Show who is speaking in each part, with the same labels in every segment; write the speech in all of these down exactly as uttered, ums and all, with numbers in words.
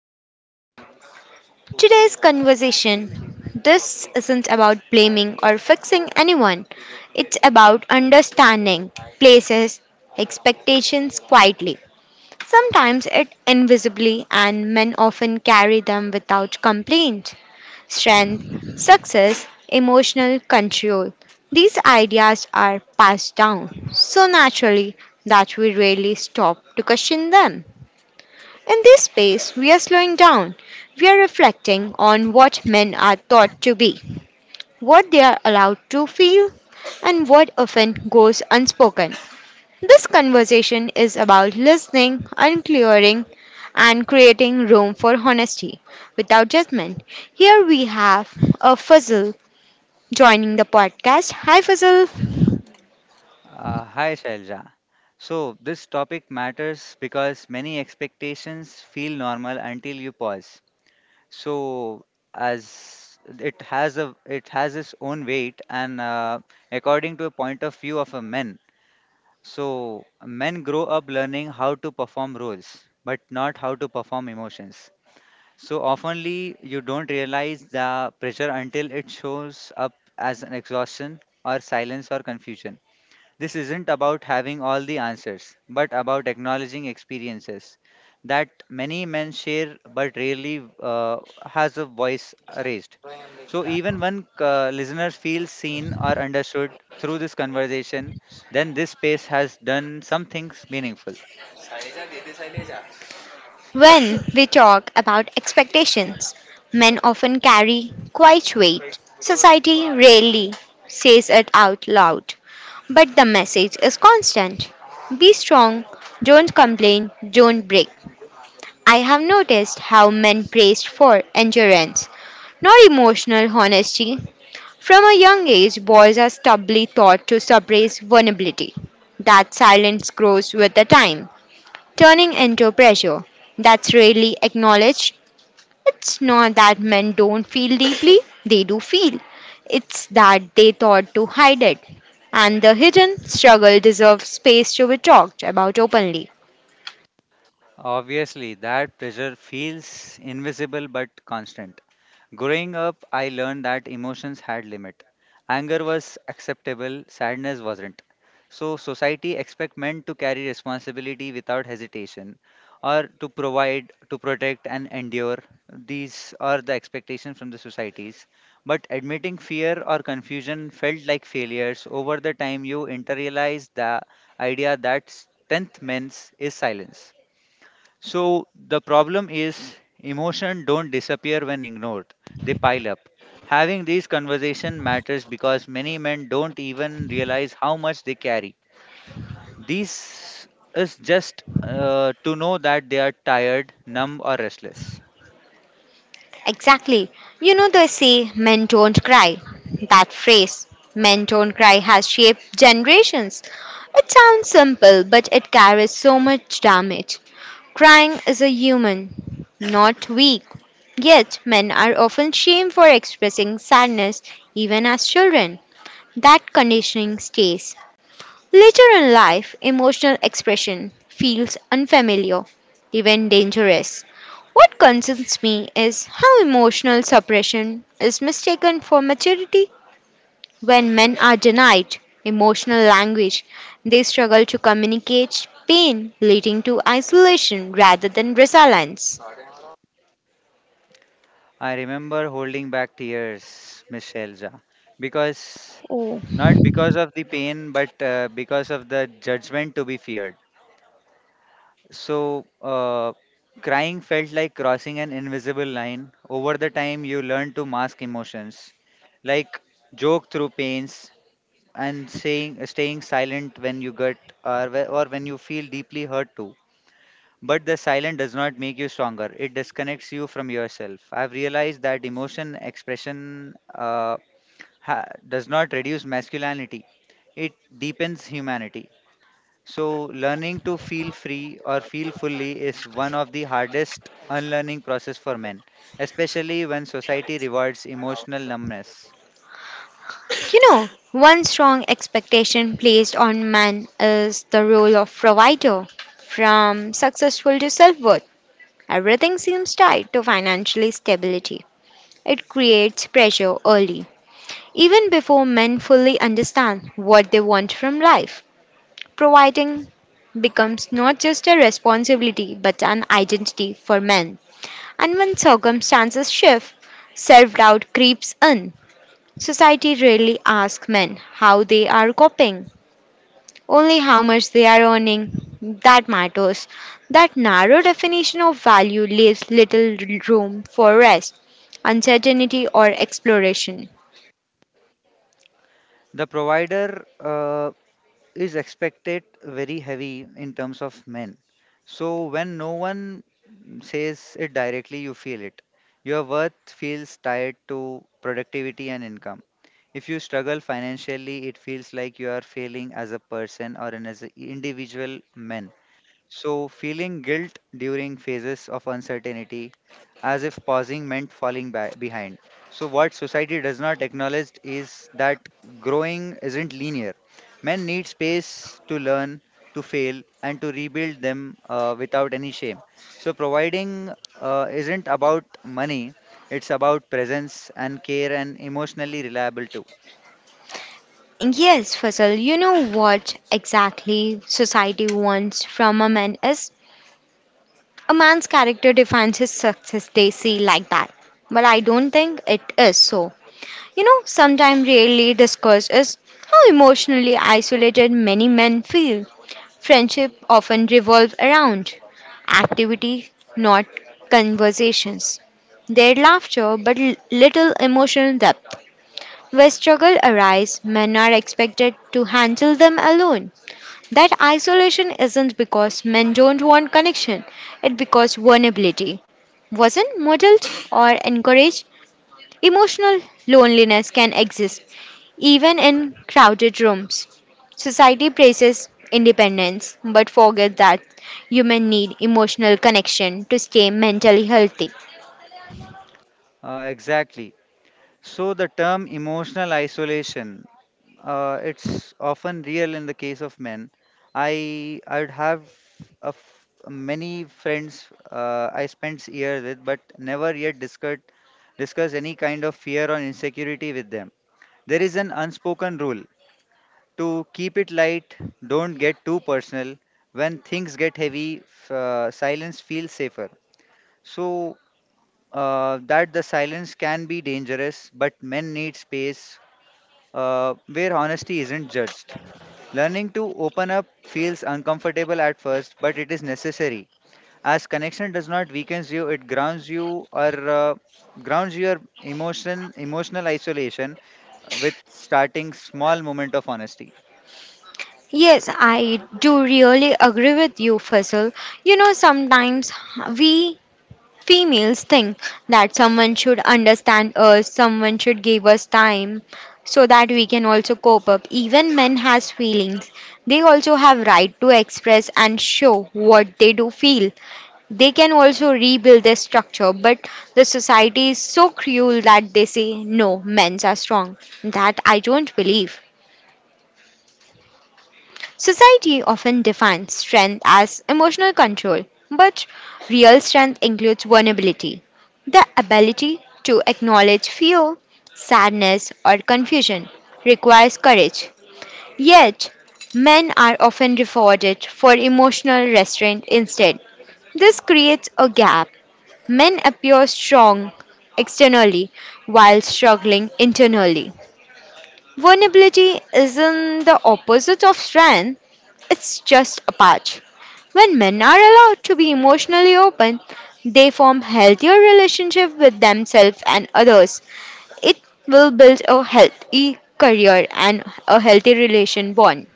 Speaker 1: podcast. Today's conversation this isn't about blaming or fixing anyone, it's about understanding places, expectations quietly. Sometimes it invisibly, and men often carry them without complaint. Strength, success, emotional control. These ideas are passed down so naturally that we rarely stop to question them. In this space, we are slowing down. We are reflecting on what men are thought to be, what they are allowed to feel, and what often goes unspoken. This conversation is about listening, unclearing, and creating room for honesty without judgment. Here we have a Fuzzle joining the podcast. Hi, Fuzzle.
Speaker 2: Uh, hi, Shailja. So, this topic matters because many expectations feel normal until you pause. So, as it has a it has its own weight, and uh, according to a point of view of a men. So, men grow up learning how to perform roles, but not how to perform emotions. So, oftenly you don't realize the pressure until it shows up as an exhaustion or silence or confusion. This isn't about having all the answers, but about acknowledging experiences that many men share but rarely uh, has a voice raised. So even when uh, listeners feel seen or understood through this conversation, then this space has done something meaningful.
Speaker 1: When we talk about expectations, men often carry quite weight. Society rarely says it out loud, but the message is constant. Be strong, don't complain, don't break. I have noticed how men praised for endurance, not emotional honesty. From a young age, boys are stubbornly taught to suppress vulnerability. That silence grows with the time turning into pressure that's rarely acknowledged. It's not that men don't feel deeply, they do feel. It's that they thought to hide it. And the hidden struggle deserves space to be talked about openly.
Speaker 2: Obviously, that pressure feels invisible but constant. Growing up, I learned that emotions had limit. Anger was acceptable, sadness wasn't. So society expect men to carry responsibility without hesitation or to provide, to protect and endure. These are the expectations from the societies. But admitting fear or confusion felt like failures. Over the time you internalize the idea that strength means is silence. So the problem is emotion don't disappear when ignored. They pile up. Having these conversation matters because many men don't even realize how much they carry. This is just uh, to know that they are tired, numb or restless.
Speaker 1: Exactly. You know, they say men don't cry. That phrase, men don't cry, has shaped generations. It sounds simple, but it carries so much damage. Crying is a human, not weak. Yet, men are often shamed for expressing sadness, even as children. That conditioning stays. Later in life, emotional expression feels unfamiliar, even dangerous. What concerns me is how emotional suppression is mistaken for maturity. When men are denied emotional language, they struggle to communicate pain, leading to isolation rather than resilience.
Speaker 2: I remember holding back tears, Miss Elza, because
Speaker 1: Oh.
Speaker 2: not because of the pain but uh, because of the judgment to be feared. So, uh, crying felt like crossing an invisible line. Over the time, you learn to mask emotions, like joke through pains and saying, staying silent when you get or, whe- or when you feel deeply hurt too. But the silence does not make you stronger. It disconnects you from yourself. I've realized that emotion expression uh, ha- does not reduce masculinity. It deepens humanity. So, learning to feel free or feel fully is one of the hardest unlearning process for men, especially when society rewards emotional numbness.
Speaker 1: You know, one strong expectation placed on man is the role of provider. From successful to self worth, everything seems tied to financial stability. It creates pressure early, even before men fully understand what they want from life. Providing becomes not just a responsibility but an identity for men. And when circumstances shift, self doubt creeps in. Society rarely asks men how they are coping, only how much they are earning. That matters. That narrow definition of value leaves little room for rest, uncertainty, or exploration.
Speaker 2: The provider uh, is expected very heavy in terms of men. So, when no one says it directly, you feel it. Your worth feels tied to productivity and income. If you struggle financially, it feels like you are failing as a person or an as an individual man. So, feeling guilt during phases of uncertainty, as if pausing meant falling ba- behind. So, what society does not acknowledge is that growing isn't linear. Men need space to learn, to fail, and to rebuild them uh, without any shame. So, providing uh, isn't about money, it's about presence and care and emotionally reliable too.
Speaker 1: Yes, Faisal, you know what exactly society wants from a man is a man's character defines his success, they see like that. But I don't think it is so. You know, sometimes really discussed is how emotionally isolated many men feel. Friendship often revolve around activity, not conversations. Their laughter, but l- little emotional depth. Where struggle arise, men are expected to handle them alone. That isolation isn't because men don't want connection, it's because vulnerability wasn't modeled or encouraged. Emotional loneliness can exist even in crowded rooms. Society praises independence but forgets that humans need emotional connection to stay mentally healthy.
Speaker 2: Uh, exactly. So, the term emotional isolation Uh, it's often real in the case of men. I I'd have a f- many friends uh, I spent years with, but never yet discussed discuss any kind of fear or insecurity with them. There is an unspoken rule to keep it light, don't get too personal. When things get heavy, f- uh, silence feels safer. So uh, that the silence can be dangerous, but men need space uh, where honesty isn't judged. Learning to open up feels uncomfortable at first, but it is necessary. As connection does not weaken you, it grounds you or uh, grounds your emotional emotional isolation with starting small moment of honesty.
Speaker 1: Yes, I do really agree with you, Faisal. You know, sometimes we females think that someone should understand us, someone should give us time so that we can also cope up. Even men has feelings. They also have right to express and show what they do feel. They can also rebuild their structure, but the society is so cruel that they say no, men's are strong. That I don't believe. Society often defines strength as emotional control, but real strength includes vulnerability, the ability to acknowledge fear, sadness, or confusion. Requires courage. Yet, men are often rewarded for emotional restraint instead. This creates a gap. Men appear strong externally while struggling internally. Vulnerability isn't the opposite of strength, it's just a patch. When men are allowed to be emotionally open, they form healthier relationships with themselves and others. It will build a healthy career and a healthy relation bond.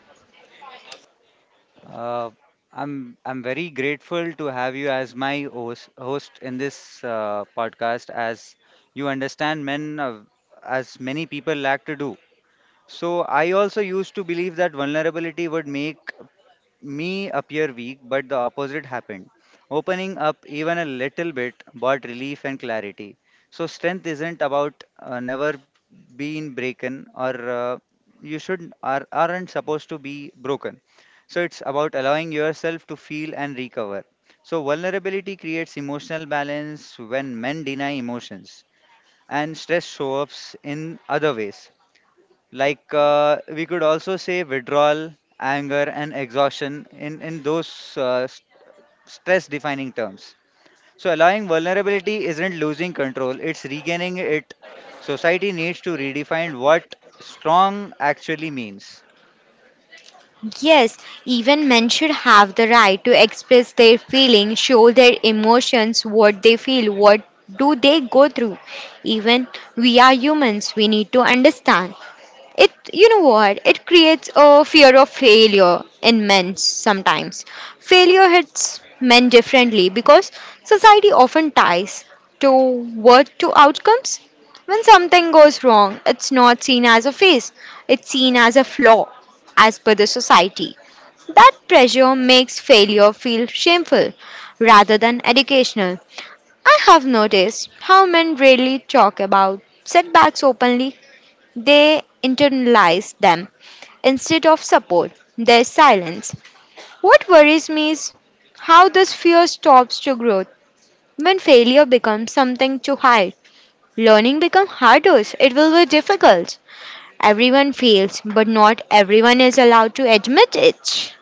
Speaker 2: Uh, I'm I'm very grateful to have you as my host, host in this uh, podcast, as you understand men uh, as many people lack to do. So I also used to believe that vulnerability would make me appear weak, but the opposite happened. Opening up even a little bit brought relief and clarity. So, strength isn't about uh, never being broken, or uh, you should are, aren't supposed to be broken. So, it's about allowing yourself to feel and recover. So, vulnerability creates emotional balance when men deny emotions, and stress shows up in other ways like uh, we could also say withdrawal anger and exhaustion in in those uh, stress defining terms. So allowing vulnerability isn't losing control, it's regaining it. Society needs to redefine what strong actually means.
Speaker 1: Yes, even men should have the right to express their feelings, show their emotions, what they feel, what do they go through. Even we are humans, we need to understand it. You know what it creates a fear of failure in men. Sometimes failure hits men differently because society often ties to word to outcomes. When something goes wrong, it's not seen as a phase, it's seen as a flaw, as per the society. That pressure makes failure feel shameful rather than educational. I have noticed how men rarely talk about setbacks openly. They internalize them instead of support. There's silence. What worries me is how this fear stops to growth. When failure becomes something to hide, learning becomes harder. It will be difficult. Everyone fails, but not everyone is allowed to admit it.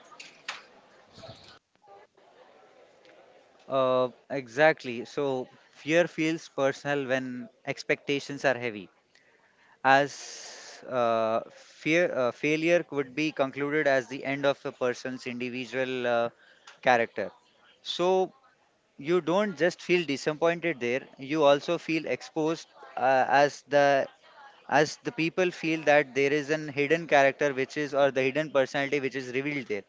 Speaker 2: uh, Exactly. So fear feels personal when expectations are heavy as uh, fear uh, failure could be concluded as the end of a person's individual uh, character. So you don't just feel disappointed there, you also feel exposed uh, as the as the people feel that there is an hidden character which is, or the hidden personality which is revealed there.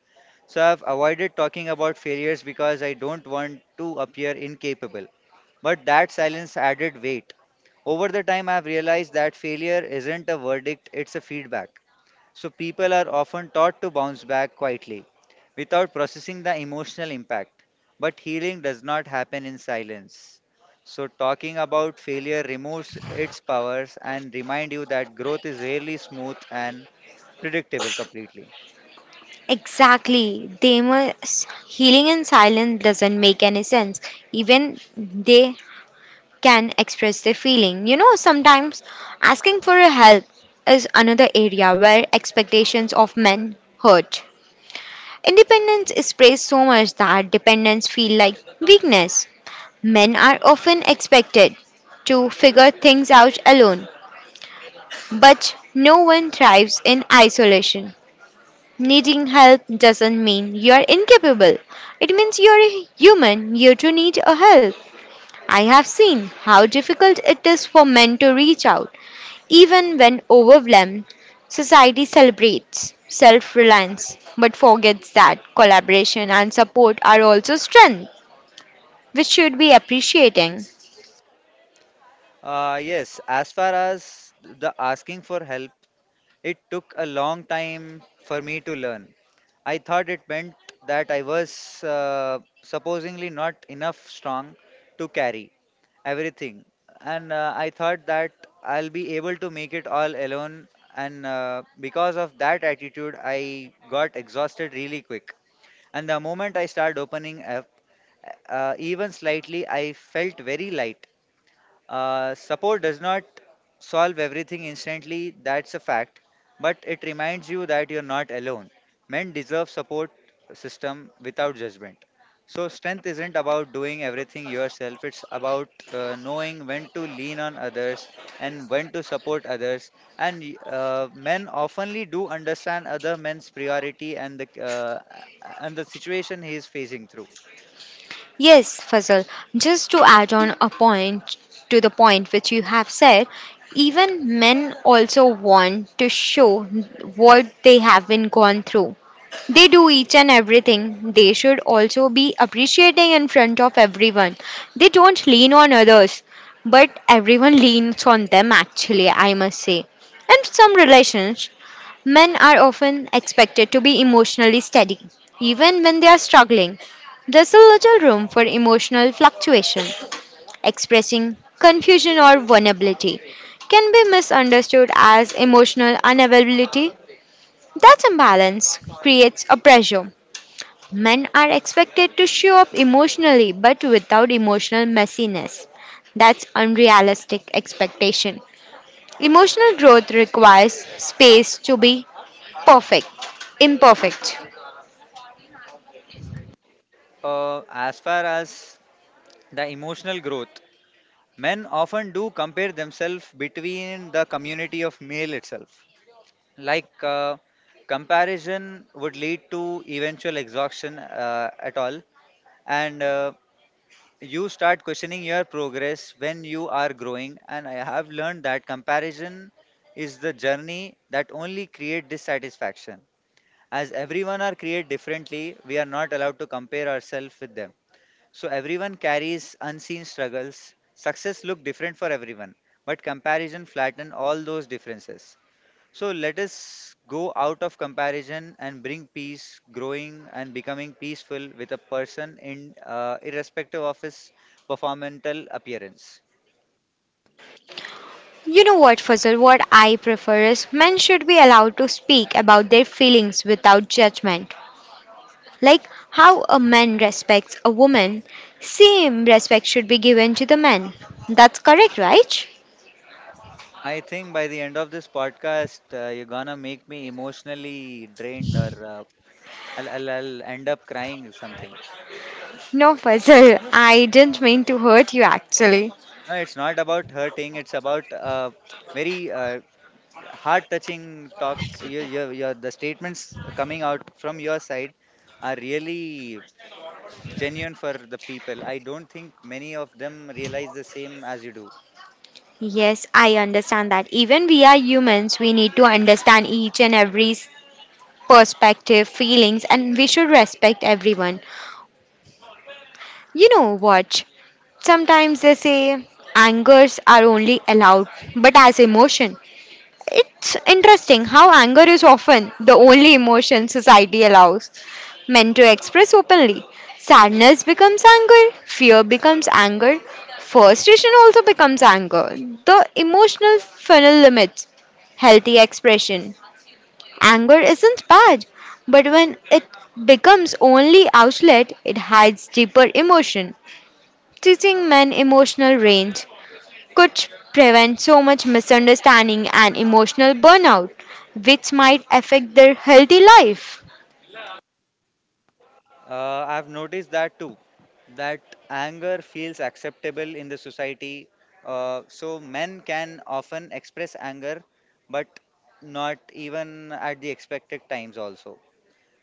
Speaker 2: So I've avoided talking about failures because I don't want to appear incapable, but that silence added weight. Over the time I've realized that failure isn't a verdict, it's a feedback. So people are often taught to bounce back quietly without processing the emotional impact. But healing does not happen in silence. So talking about failure removes its powers and remind you that growth is rarely smooth and predictable completely.
Speaker 1: Exactly. They must, healing in silence doesn't make any sense. Even they can express their feeling. You know, sometimes asking for a help is another area where expectations of men hurt. Independence is praised so much that dependence feel like weakness. Men are often expected to figure things out alone, but no one thrives in isolation. Needing help doesn't mean you're incapable. It means you're a human, you too need a help. I have seen how difficult it is for men to reach out even when overwhelmed. Society celebrates self reliance but forgets that collaboration and support are also strength, which should be appreciating.
Speaker 2: Uh, yes, as far as the asking for help, it took a long time for me to learn. I thought it meant that I was uh, supposedly not enough strong to carry everything, and uh, I thought that I'll be able to make it all alone. And uh, because of that attitude, I got exhausted really quick. And the moment I started opening up, uh, even slightly, I felt very light. Uh, support does not solve everything instantly, that's a fact, but it reminds you that you're not alone. Men deserve support system without judgment. So strength isn't about doing everything yourself, it's about uh, knowing when to lean on others and when to support others. And y- uh, men oftenly do understand other men's priority and the uh, and the situation he is facing through.
Speaker 1: Yes, Fazal, just to add on a point to the point which you have said, even men also want to show what they have been gone through. They do each and everything. They should also be appreciating in front of everyone. They don't lean on others, but everyone leans on them actually, I must say. In some relations, men are often expected to be emotionally steady, even when they are struggling. There's a little room for emotional fluctuation. Expressing confusion or vulnerability can be misunderstood as emotional unavailability. That imbalance creates a pressure. Men are expected to show up emotionally but without emotional messiness. That's unrealistic expectation. Emotional growth requires space to be perfect, imperfect.
Speaker 2: Uh, as far as the emotional growth, men often do compare themselves between the community of male itself. Like uh, comparison would lead to eventual exhaustion uh, at all, and uh, you start questioning your progress when you are growing. And I have learned that comparison is the journey that only create dissatisfaction. As everyone are created differently, we are not allowed to compare ourselves with them. So everyone carries unseen struggles. Success look different for everyone, but comparison flatten all those differences. So let us go out of comparison and bring peace, growing and becoming peaceful with a person in uh, irrespective of his performental appearance.
Speaker 1: You know what, Fazal? What I prefer is men should be allowed to speak about their feelings without judgment. Like how a man respects a woman, same respect should be given to the man. That's correct, right?
Speaker 2: I think by the end of this podcast, uh, you're gonna make me emotionally drained, or uh, I'll, I'll, I'll end up crying or something.
Speaker 1: No, Fazal, I didn't mean to hurt you actually.
Speaker 2: No, it's not about hurting. It's about uh, very uh, heart touching talk. Your, your, your the statements coming out from your side are really genuine for the people. I don't think many of them realize the same as you do.
Speaker 1: Yes, I understand that. Even we are humans, we need to understand each and every perspective, feelings, and we should respect everyone. You know what? Sometimes they say angers are only allowed, but as emotion. It's interesting how anger is often the only emotion society allows men to express openly. Sadness becomes anger, fear becomes anger, frustration also becomes anger. The emotional funnel limits healthy expression. Anger isn't bad, but when it becomes only outlet, it hides deeper emotion. Teaching men emotional range could prevent so much misunderstanding and emotional burnout, which might affect their healthy life.
Speaker 2: uh, I've noticed that too, that anger feels acceptable in the society. Uh, so men can often express anger, but not even at the expected times also.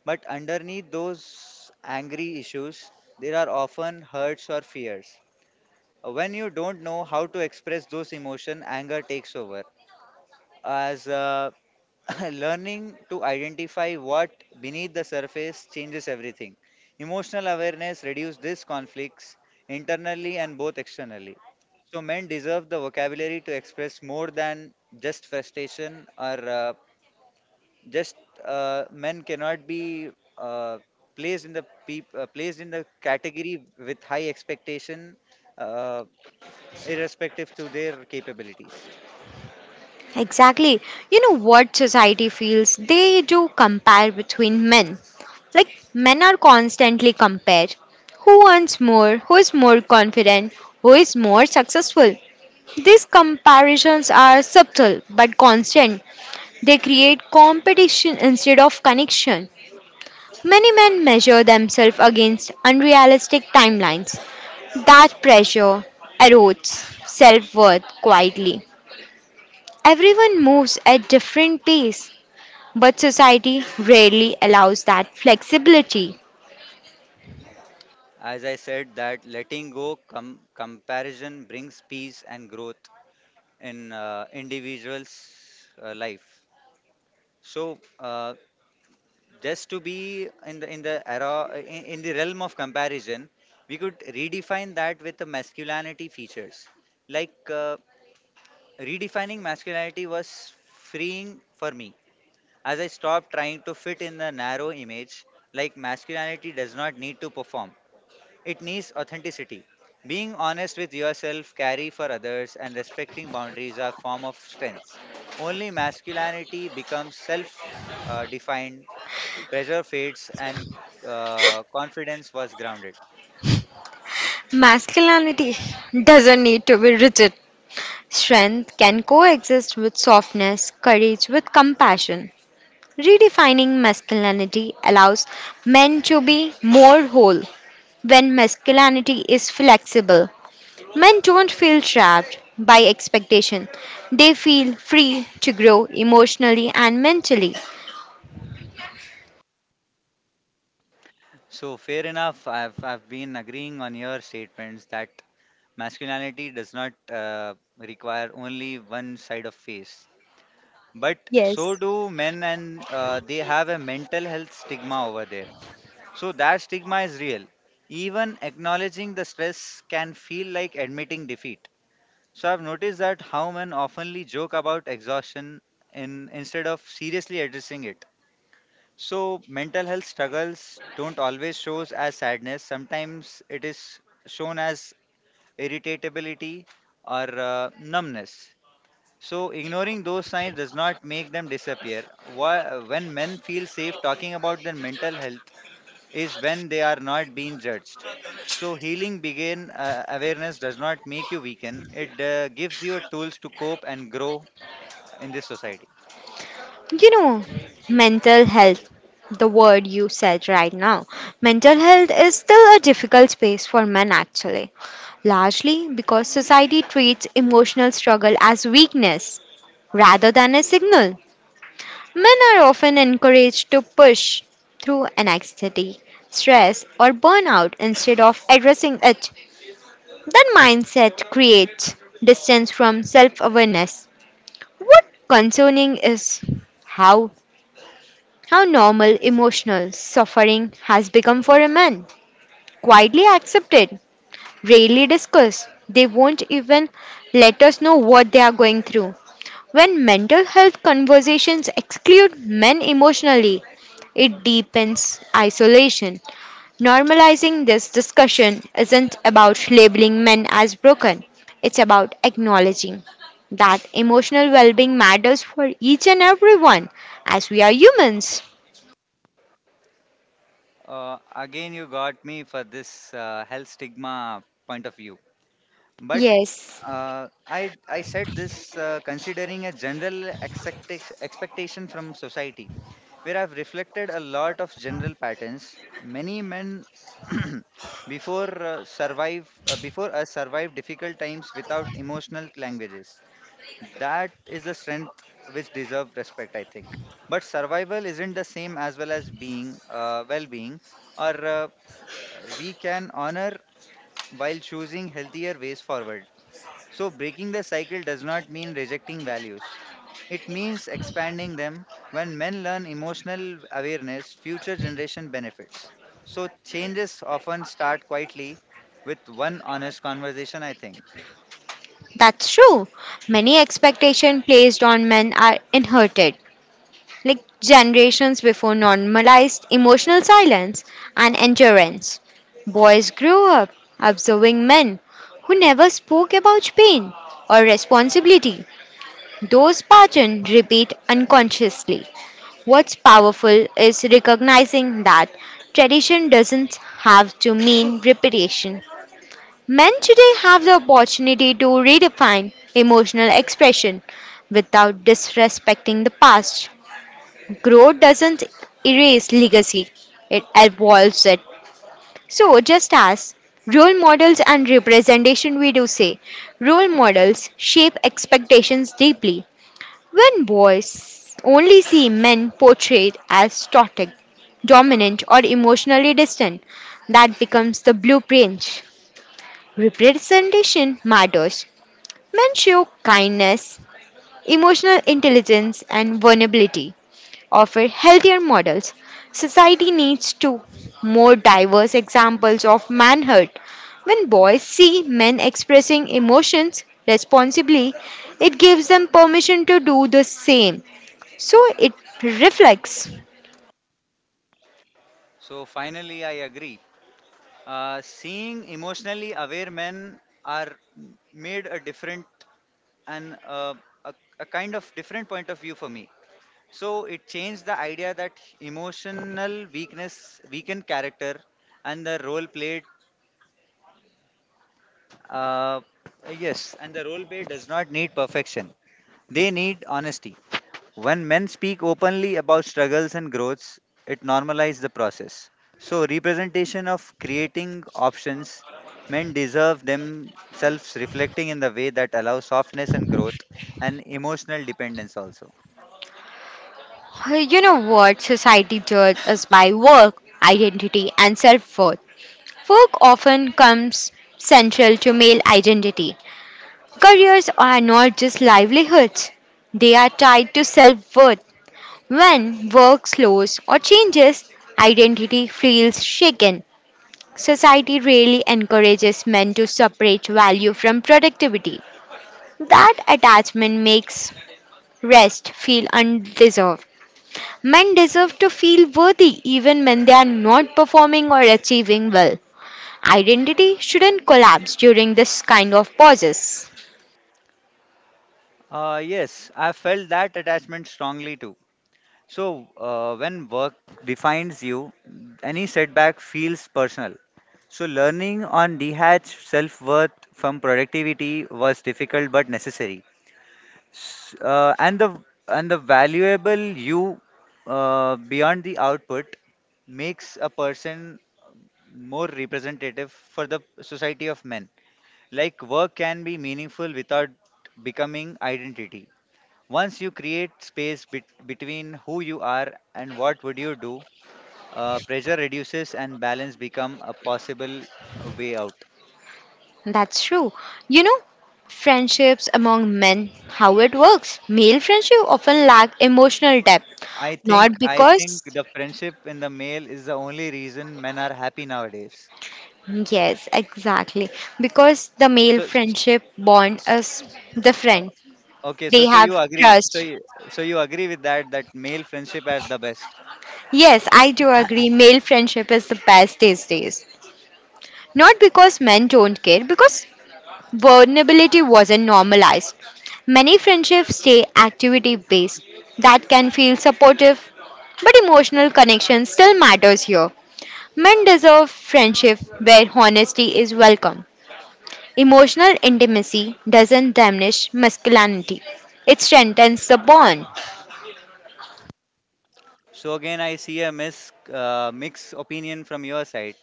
Speaker 2: But underneath those angry issues there are often hurts or fears. When you don't know how to express those emotion, anger takes over. As uh, learning to identify what beneath the surface changes everything. Emotional awareness reduces these conflicts internally and both externally. So men deserve the vocabulary to express more than just frustration or uh, just uh, men cannot be uh, placed in the peop- uh, placed in the category with high expectation, uh, irrespective to their capabilities.
Speaker 1: Exactly. You know what society feels? They do compare between men. Like men are constantly compared. Who earns more? Who is more confident? Who is more successful? These comparisons are subtle but constant. They create competition instead of connection. Many men measure themselves against unrealistic timelines. That pressure erodes self worth quietly. Everyone moves at different pace, but society rarely allows that flexibility.
Speaker 2: As I said, that letting go com- comparison brings peace and growth in uh, individuals' uh, life. So, uh, just to be in the in the era in, in the realm of comparison, we could redefine that with the masculinity features. Like uh, redefining masculinity was freeing for me as I stopped trying to fit in the narrow image. Like masculinity does not need to perform, it needs authenticity. Being honest with yourself, caring for others, and respecting boundaries are form of strengths. Only masculinity becomes self-defined, pressure fades, and uh, confidence was grounded.
Speaker 1: Masculinity doesn't need to be rigid. Strength can coexist with softness, courage with compassion. Redefining masculinity allows men to be more whole when masculinity is flexible. Men don't feel trapped by expectation, they feel free to grow emotionally and mentally.
Speaker 2: So fair enough. I've I've been agreeing on your statements that masculinity does not uh, require only one side of face, but
Speaker 1: Yes.
Speaker 2: so do men, and uh, they have a mental health stigma over there. So that stigma is real. Even acknowledging the stress can feel like admitting defeat. So I've noticed that how men oftenly joke about exhaustion in instead of seriously addressing it. So mental health struggles don't always shows as sadness. Sometimes it is shown as irritability or uh, numbness. So ignoring those signs does not make them disappear. Why, when men feel safe talking about their mental health, is when they are not being judged. So, healing begin uh, awareness does not make you weaken, it uh, gives you tools to cope and grow in this society.
Speaker 1: You know, mental health, the word you said right now, mental health is still a difficult space for men actually, largely because society treats emotional struggle as weakness rather than a signal. Men are often encouraged to push through anxiety, stress, or burnout instead of addressing it. That mindset creates distance from self awareness. What concerning is how how normal emotional suffering has become for a man. Quietly accepted, rarely discussed. They won't even let us know what they are going through. When mental health conversations exclude men emotionally, it deepens isolation. Normalizing this discussion isn't about labeling men as broken, it's about acknowledging that emotional well being matters for each and everyone as we are humans.
Speaker 2: Uh, again, you got me for this uh, health stigma point of view. But
Speaker 1: Yes,
Speaker 2: uh, I I said this uh, considering a general expecta- expectation from society, where I've reflected a lot of general patterns. Many men before uh, survive uh, before us survive difficult times without emotional languages. That is a strength which deserve respect, I think. But survival isn't the same as well as being uh, well-being, or uh, we can honor while choosing healthier ways forward. So, breaking the cycle does not mean rejecting values. It means expanding them. When men learn emotional awareness, future generation benefits. So, changes often start quietly with one honest conversation, I think.
Speaker 1: that's true. Many expectations placed on men are inherited, like generations before normalized emotional silence and endurance. Boys grew up observing men who never spoke about pain or responsibility. Those patterns repeat unconsciously. What's powerful is recognizing that tradition doesn't have to mean repetition. Men today have the opportunity to redefine emotional expression without disrespecting the past. Growth doesn't erase legacy, it evolves it. So, just as role models and representation, we do say role models shape expectations deeply. When boys only see men portrayed as static, dominant, or emotionally distant, that becomes the blueprint. Representation matters. Men show kindness, emotional intelligence, and vulnerability offer healthier models. Society needs to more diverse examples of manhood. When boys see men expressing emotions responsibly, it gives them permission to do the same. So it reflects.
Speaker 2: So finally, I agree. Uh, seeing emotionally aware men are made a different and uh, a, a kind of different point of view for me. So it changed the idea that emotional weakness weakened character and the role played uh, yes, and the role play does not need perfection. They need honesty. When men speak openly about struggles and growths, it normalizes the process. So, representation of creating options, men deserve themselves reflecting in the way that allows softness and growth and emotional dependence also.
Speaker 1: You know what? Society judges us by work, identity, and self worth. Work often comes central to male identity. Careers are not just livelihoods, they are tied to self worth. When work slows or changes, identity feels shaken. Society really encourages men to separate value from productivity. That attachment makes rest feel undeserved. Men deserve to feel worthy even when they are not performing or achieving well. Identity shouldn't collapse during this kind of pauses.
Speaker 2: Uh, yes, I felt that attachment strongly too. So, uh, when work defines you, any setback feels personal. So, learning on detach self worth from productivity was difficult but necessary. S- Uh, and the and the valuable you uh, beyond the output makes a person more representative for the society of men. Like work can be meaningful without becoming identity. Once you create space bet- between who you are and what would you do, uh, pressure reduces and balance become a possible uh, way out.
Speaker 1: That's true. You know, friendships among men, how it works. Male friendship often lack emotional depth.
Speaker 2: I think
Speaker 1: Not
Speaker 2: I
Speaker 1: because,
Speaker 2: think the friendship in the male is the only reason men are happy nowadays.
Speaker 1: yes, exactly. Because the male
Speaker 2: So, s-
Speaker 1: friendship bond
Speaker 2: s-
Speaker 1: is the
Speaker 2: o-
Speaker 1: friend.
Speaker 2: okay, so
Speaker 1: They
Speaker 2: so you
Speaker 1: have
Speaker 2: agree, so
Speaker 1: trust.
Speaker 2: you, so you agree with that that male friendship are the best.
Speaker 1: Yes, I do agree. Male friendship is the best these days. Not because men don't care, because vulnerability wasn't normalized. Many friendships stay activity based. That can feel supportive, but emotional connection still matters here. Men deserve friendship where honesty is welcome. Emotional intimacy doesn't diminish masculinity, it strengthens the bond.
Speaker 2: So again, I see a mis uh, mixed opinion from your side.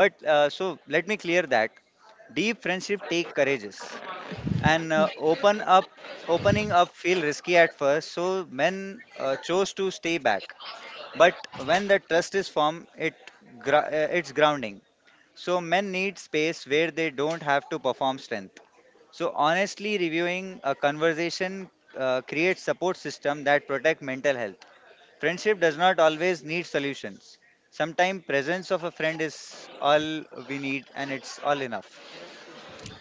Speaker 2: But uh, so let me clear that deep friendship take courageous. and uh, open up opening up feel risky at first, so men uh, chose to stay back, but when the trust is formed, it gr- uh, it's grounding. So men need space where they don't have to perform strength. So honestly reviewing a conversation uh, creates support system that protect mental health. Friendship does not always need solutions. Sometimes presence of a friend is all we need, and it's all enough.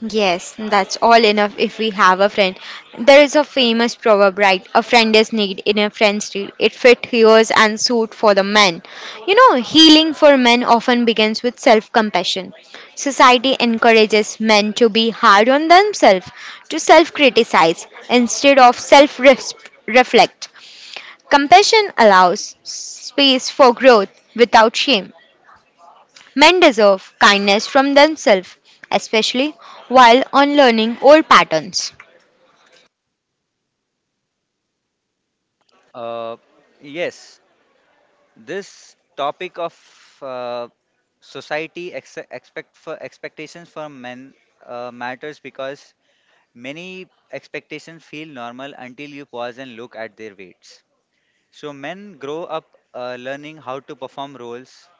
Speaker 1: Yes, that's all enough if we have a friend. There is a famous proverb, right? A friend is need in a friend's need. It fit hears and suit for the men. You know, healing for men often begins with self compassion. Society encourages men to be hard on themselves, to self criticize instead of self reflect. Compassion allows space for growth without shame. Men deserve kindness from themselves, especially while on learning old patterns.
Speaker 2: uh, yes. This topic of uh, society ex- expect for expectations for men uh, matters because many expectations feel normal until you pause and look at their weights. So men grow up uh, learning how to perform roles,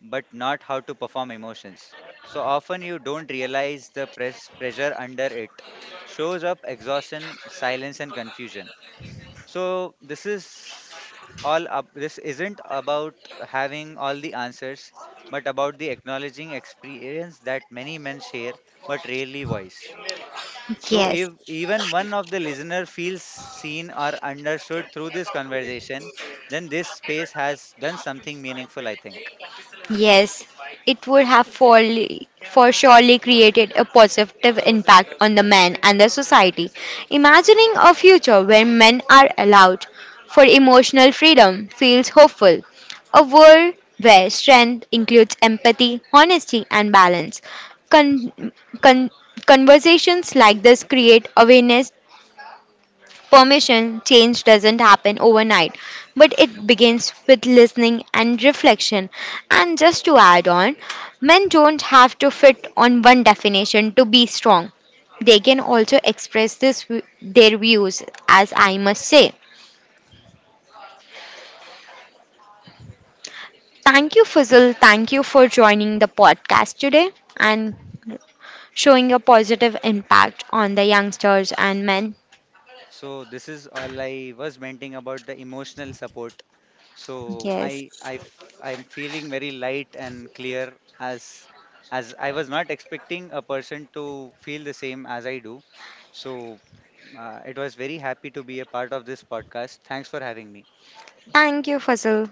Speaker 2: but not how to perform emotions. So often you don't realize the press pressure under it shows up exhaustion, silence, and confusion. So this is all up. This isn't about having all the answers, but about the acknowledging experience that many men share but rarely voice. So
Speaker 1: Yes,
Speaker 2: if even one of the listener feels seen or understood through this conversation, then this space has done something meaningful, I think.
Speaker 1: yes, it would have for, for surely created a positive impact on the men and the society. Imagining a future where men are allowed for emotional freedom feels hopeful. A world where strength includes empathy, honesty, and balance. Con- con- Conversations like this create awareness. Permission change doesn't happen overnight, but it begins with listening and reflection. And just to add on, men don't have to fit on one definition to be strong. They can also express this their views as I must say. Thank you, Fuzzle. Thank you for joining the podcast today and showing a positive impact on the youngsters and men.
Speaker 2: So this is all I was venting about the emotional support. So
Speaker 1: Yes.
Speaker 2: I I f- I'm feeling very light and clear as as I was not expecting a person to feel the same as I do. So uh, it was very happy to be a part of this podcast. Thanks for having me.
Speaker 1: Thank you, Fuzzle.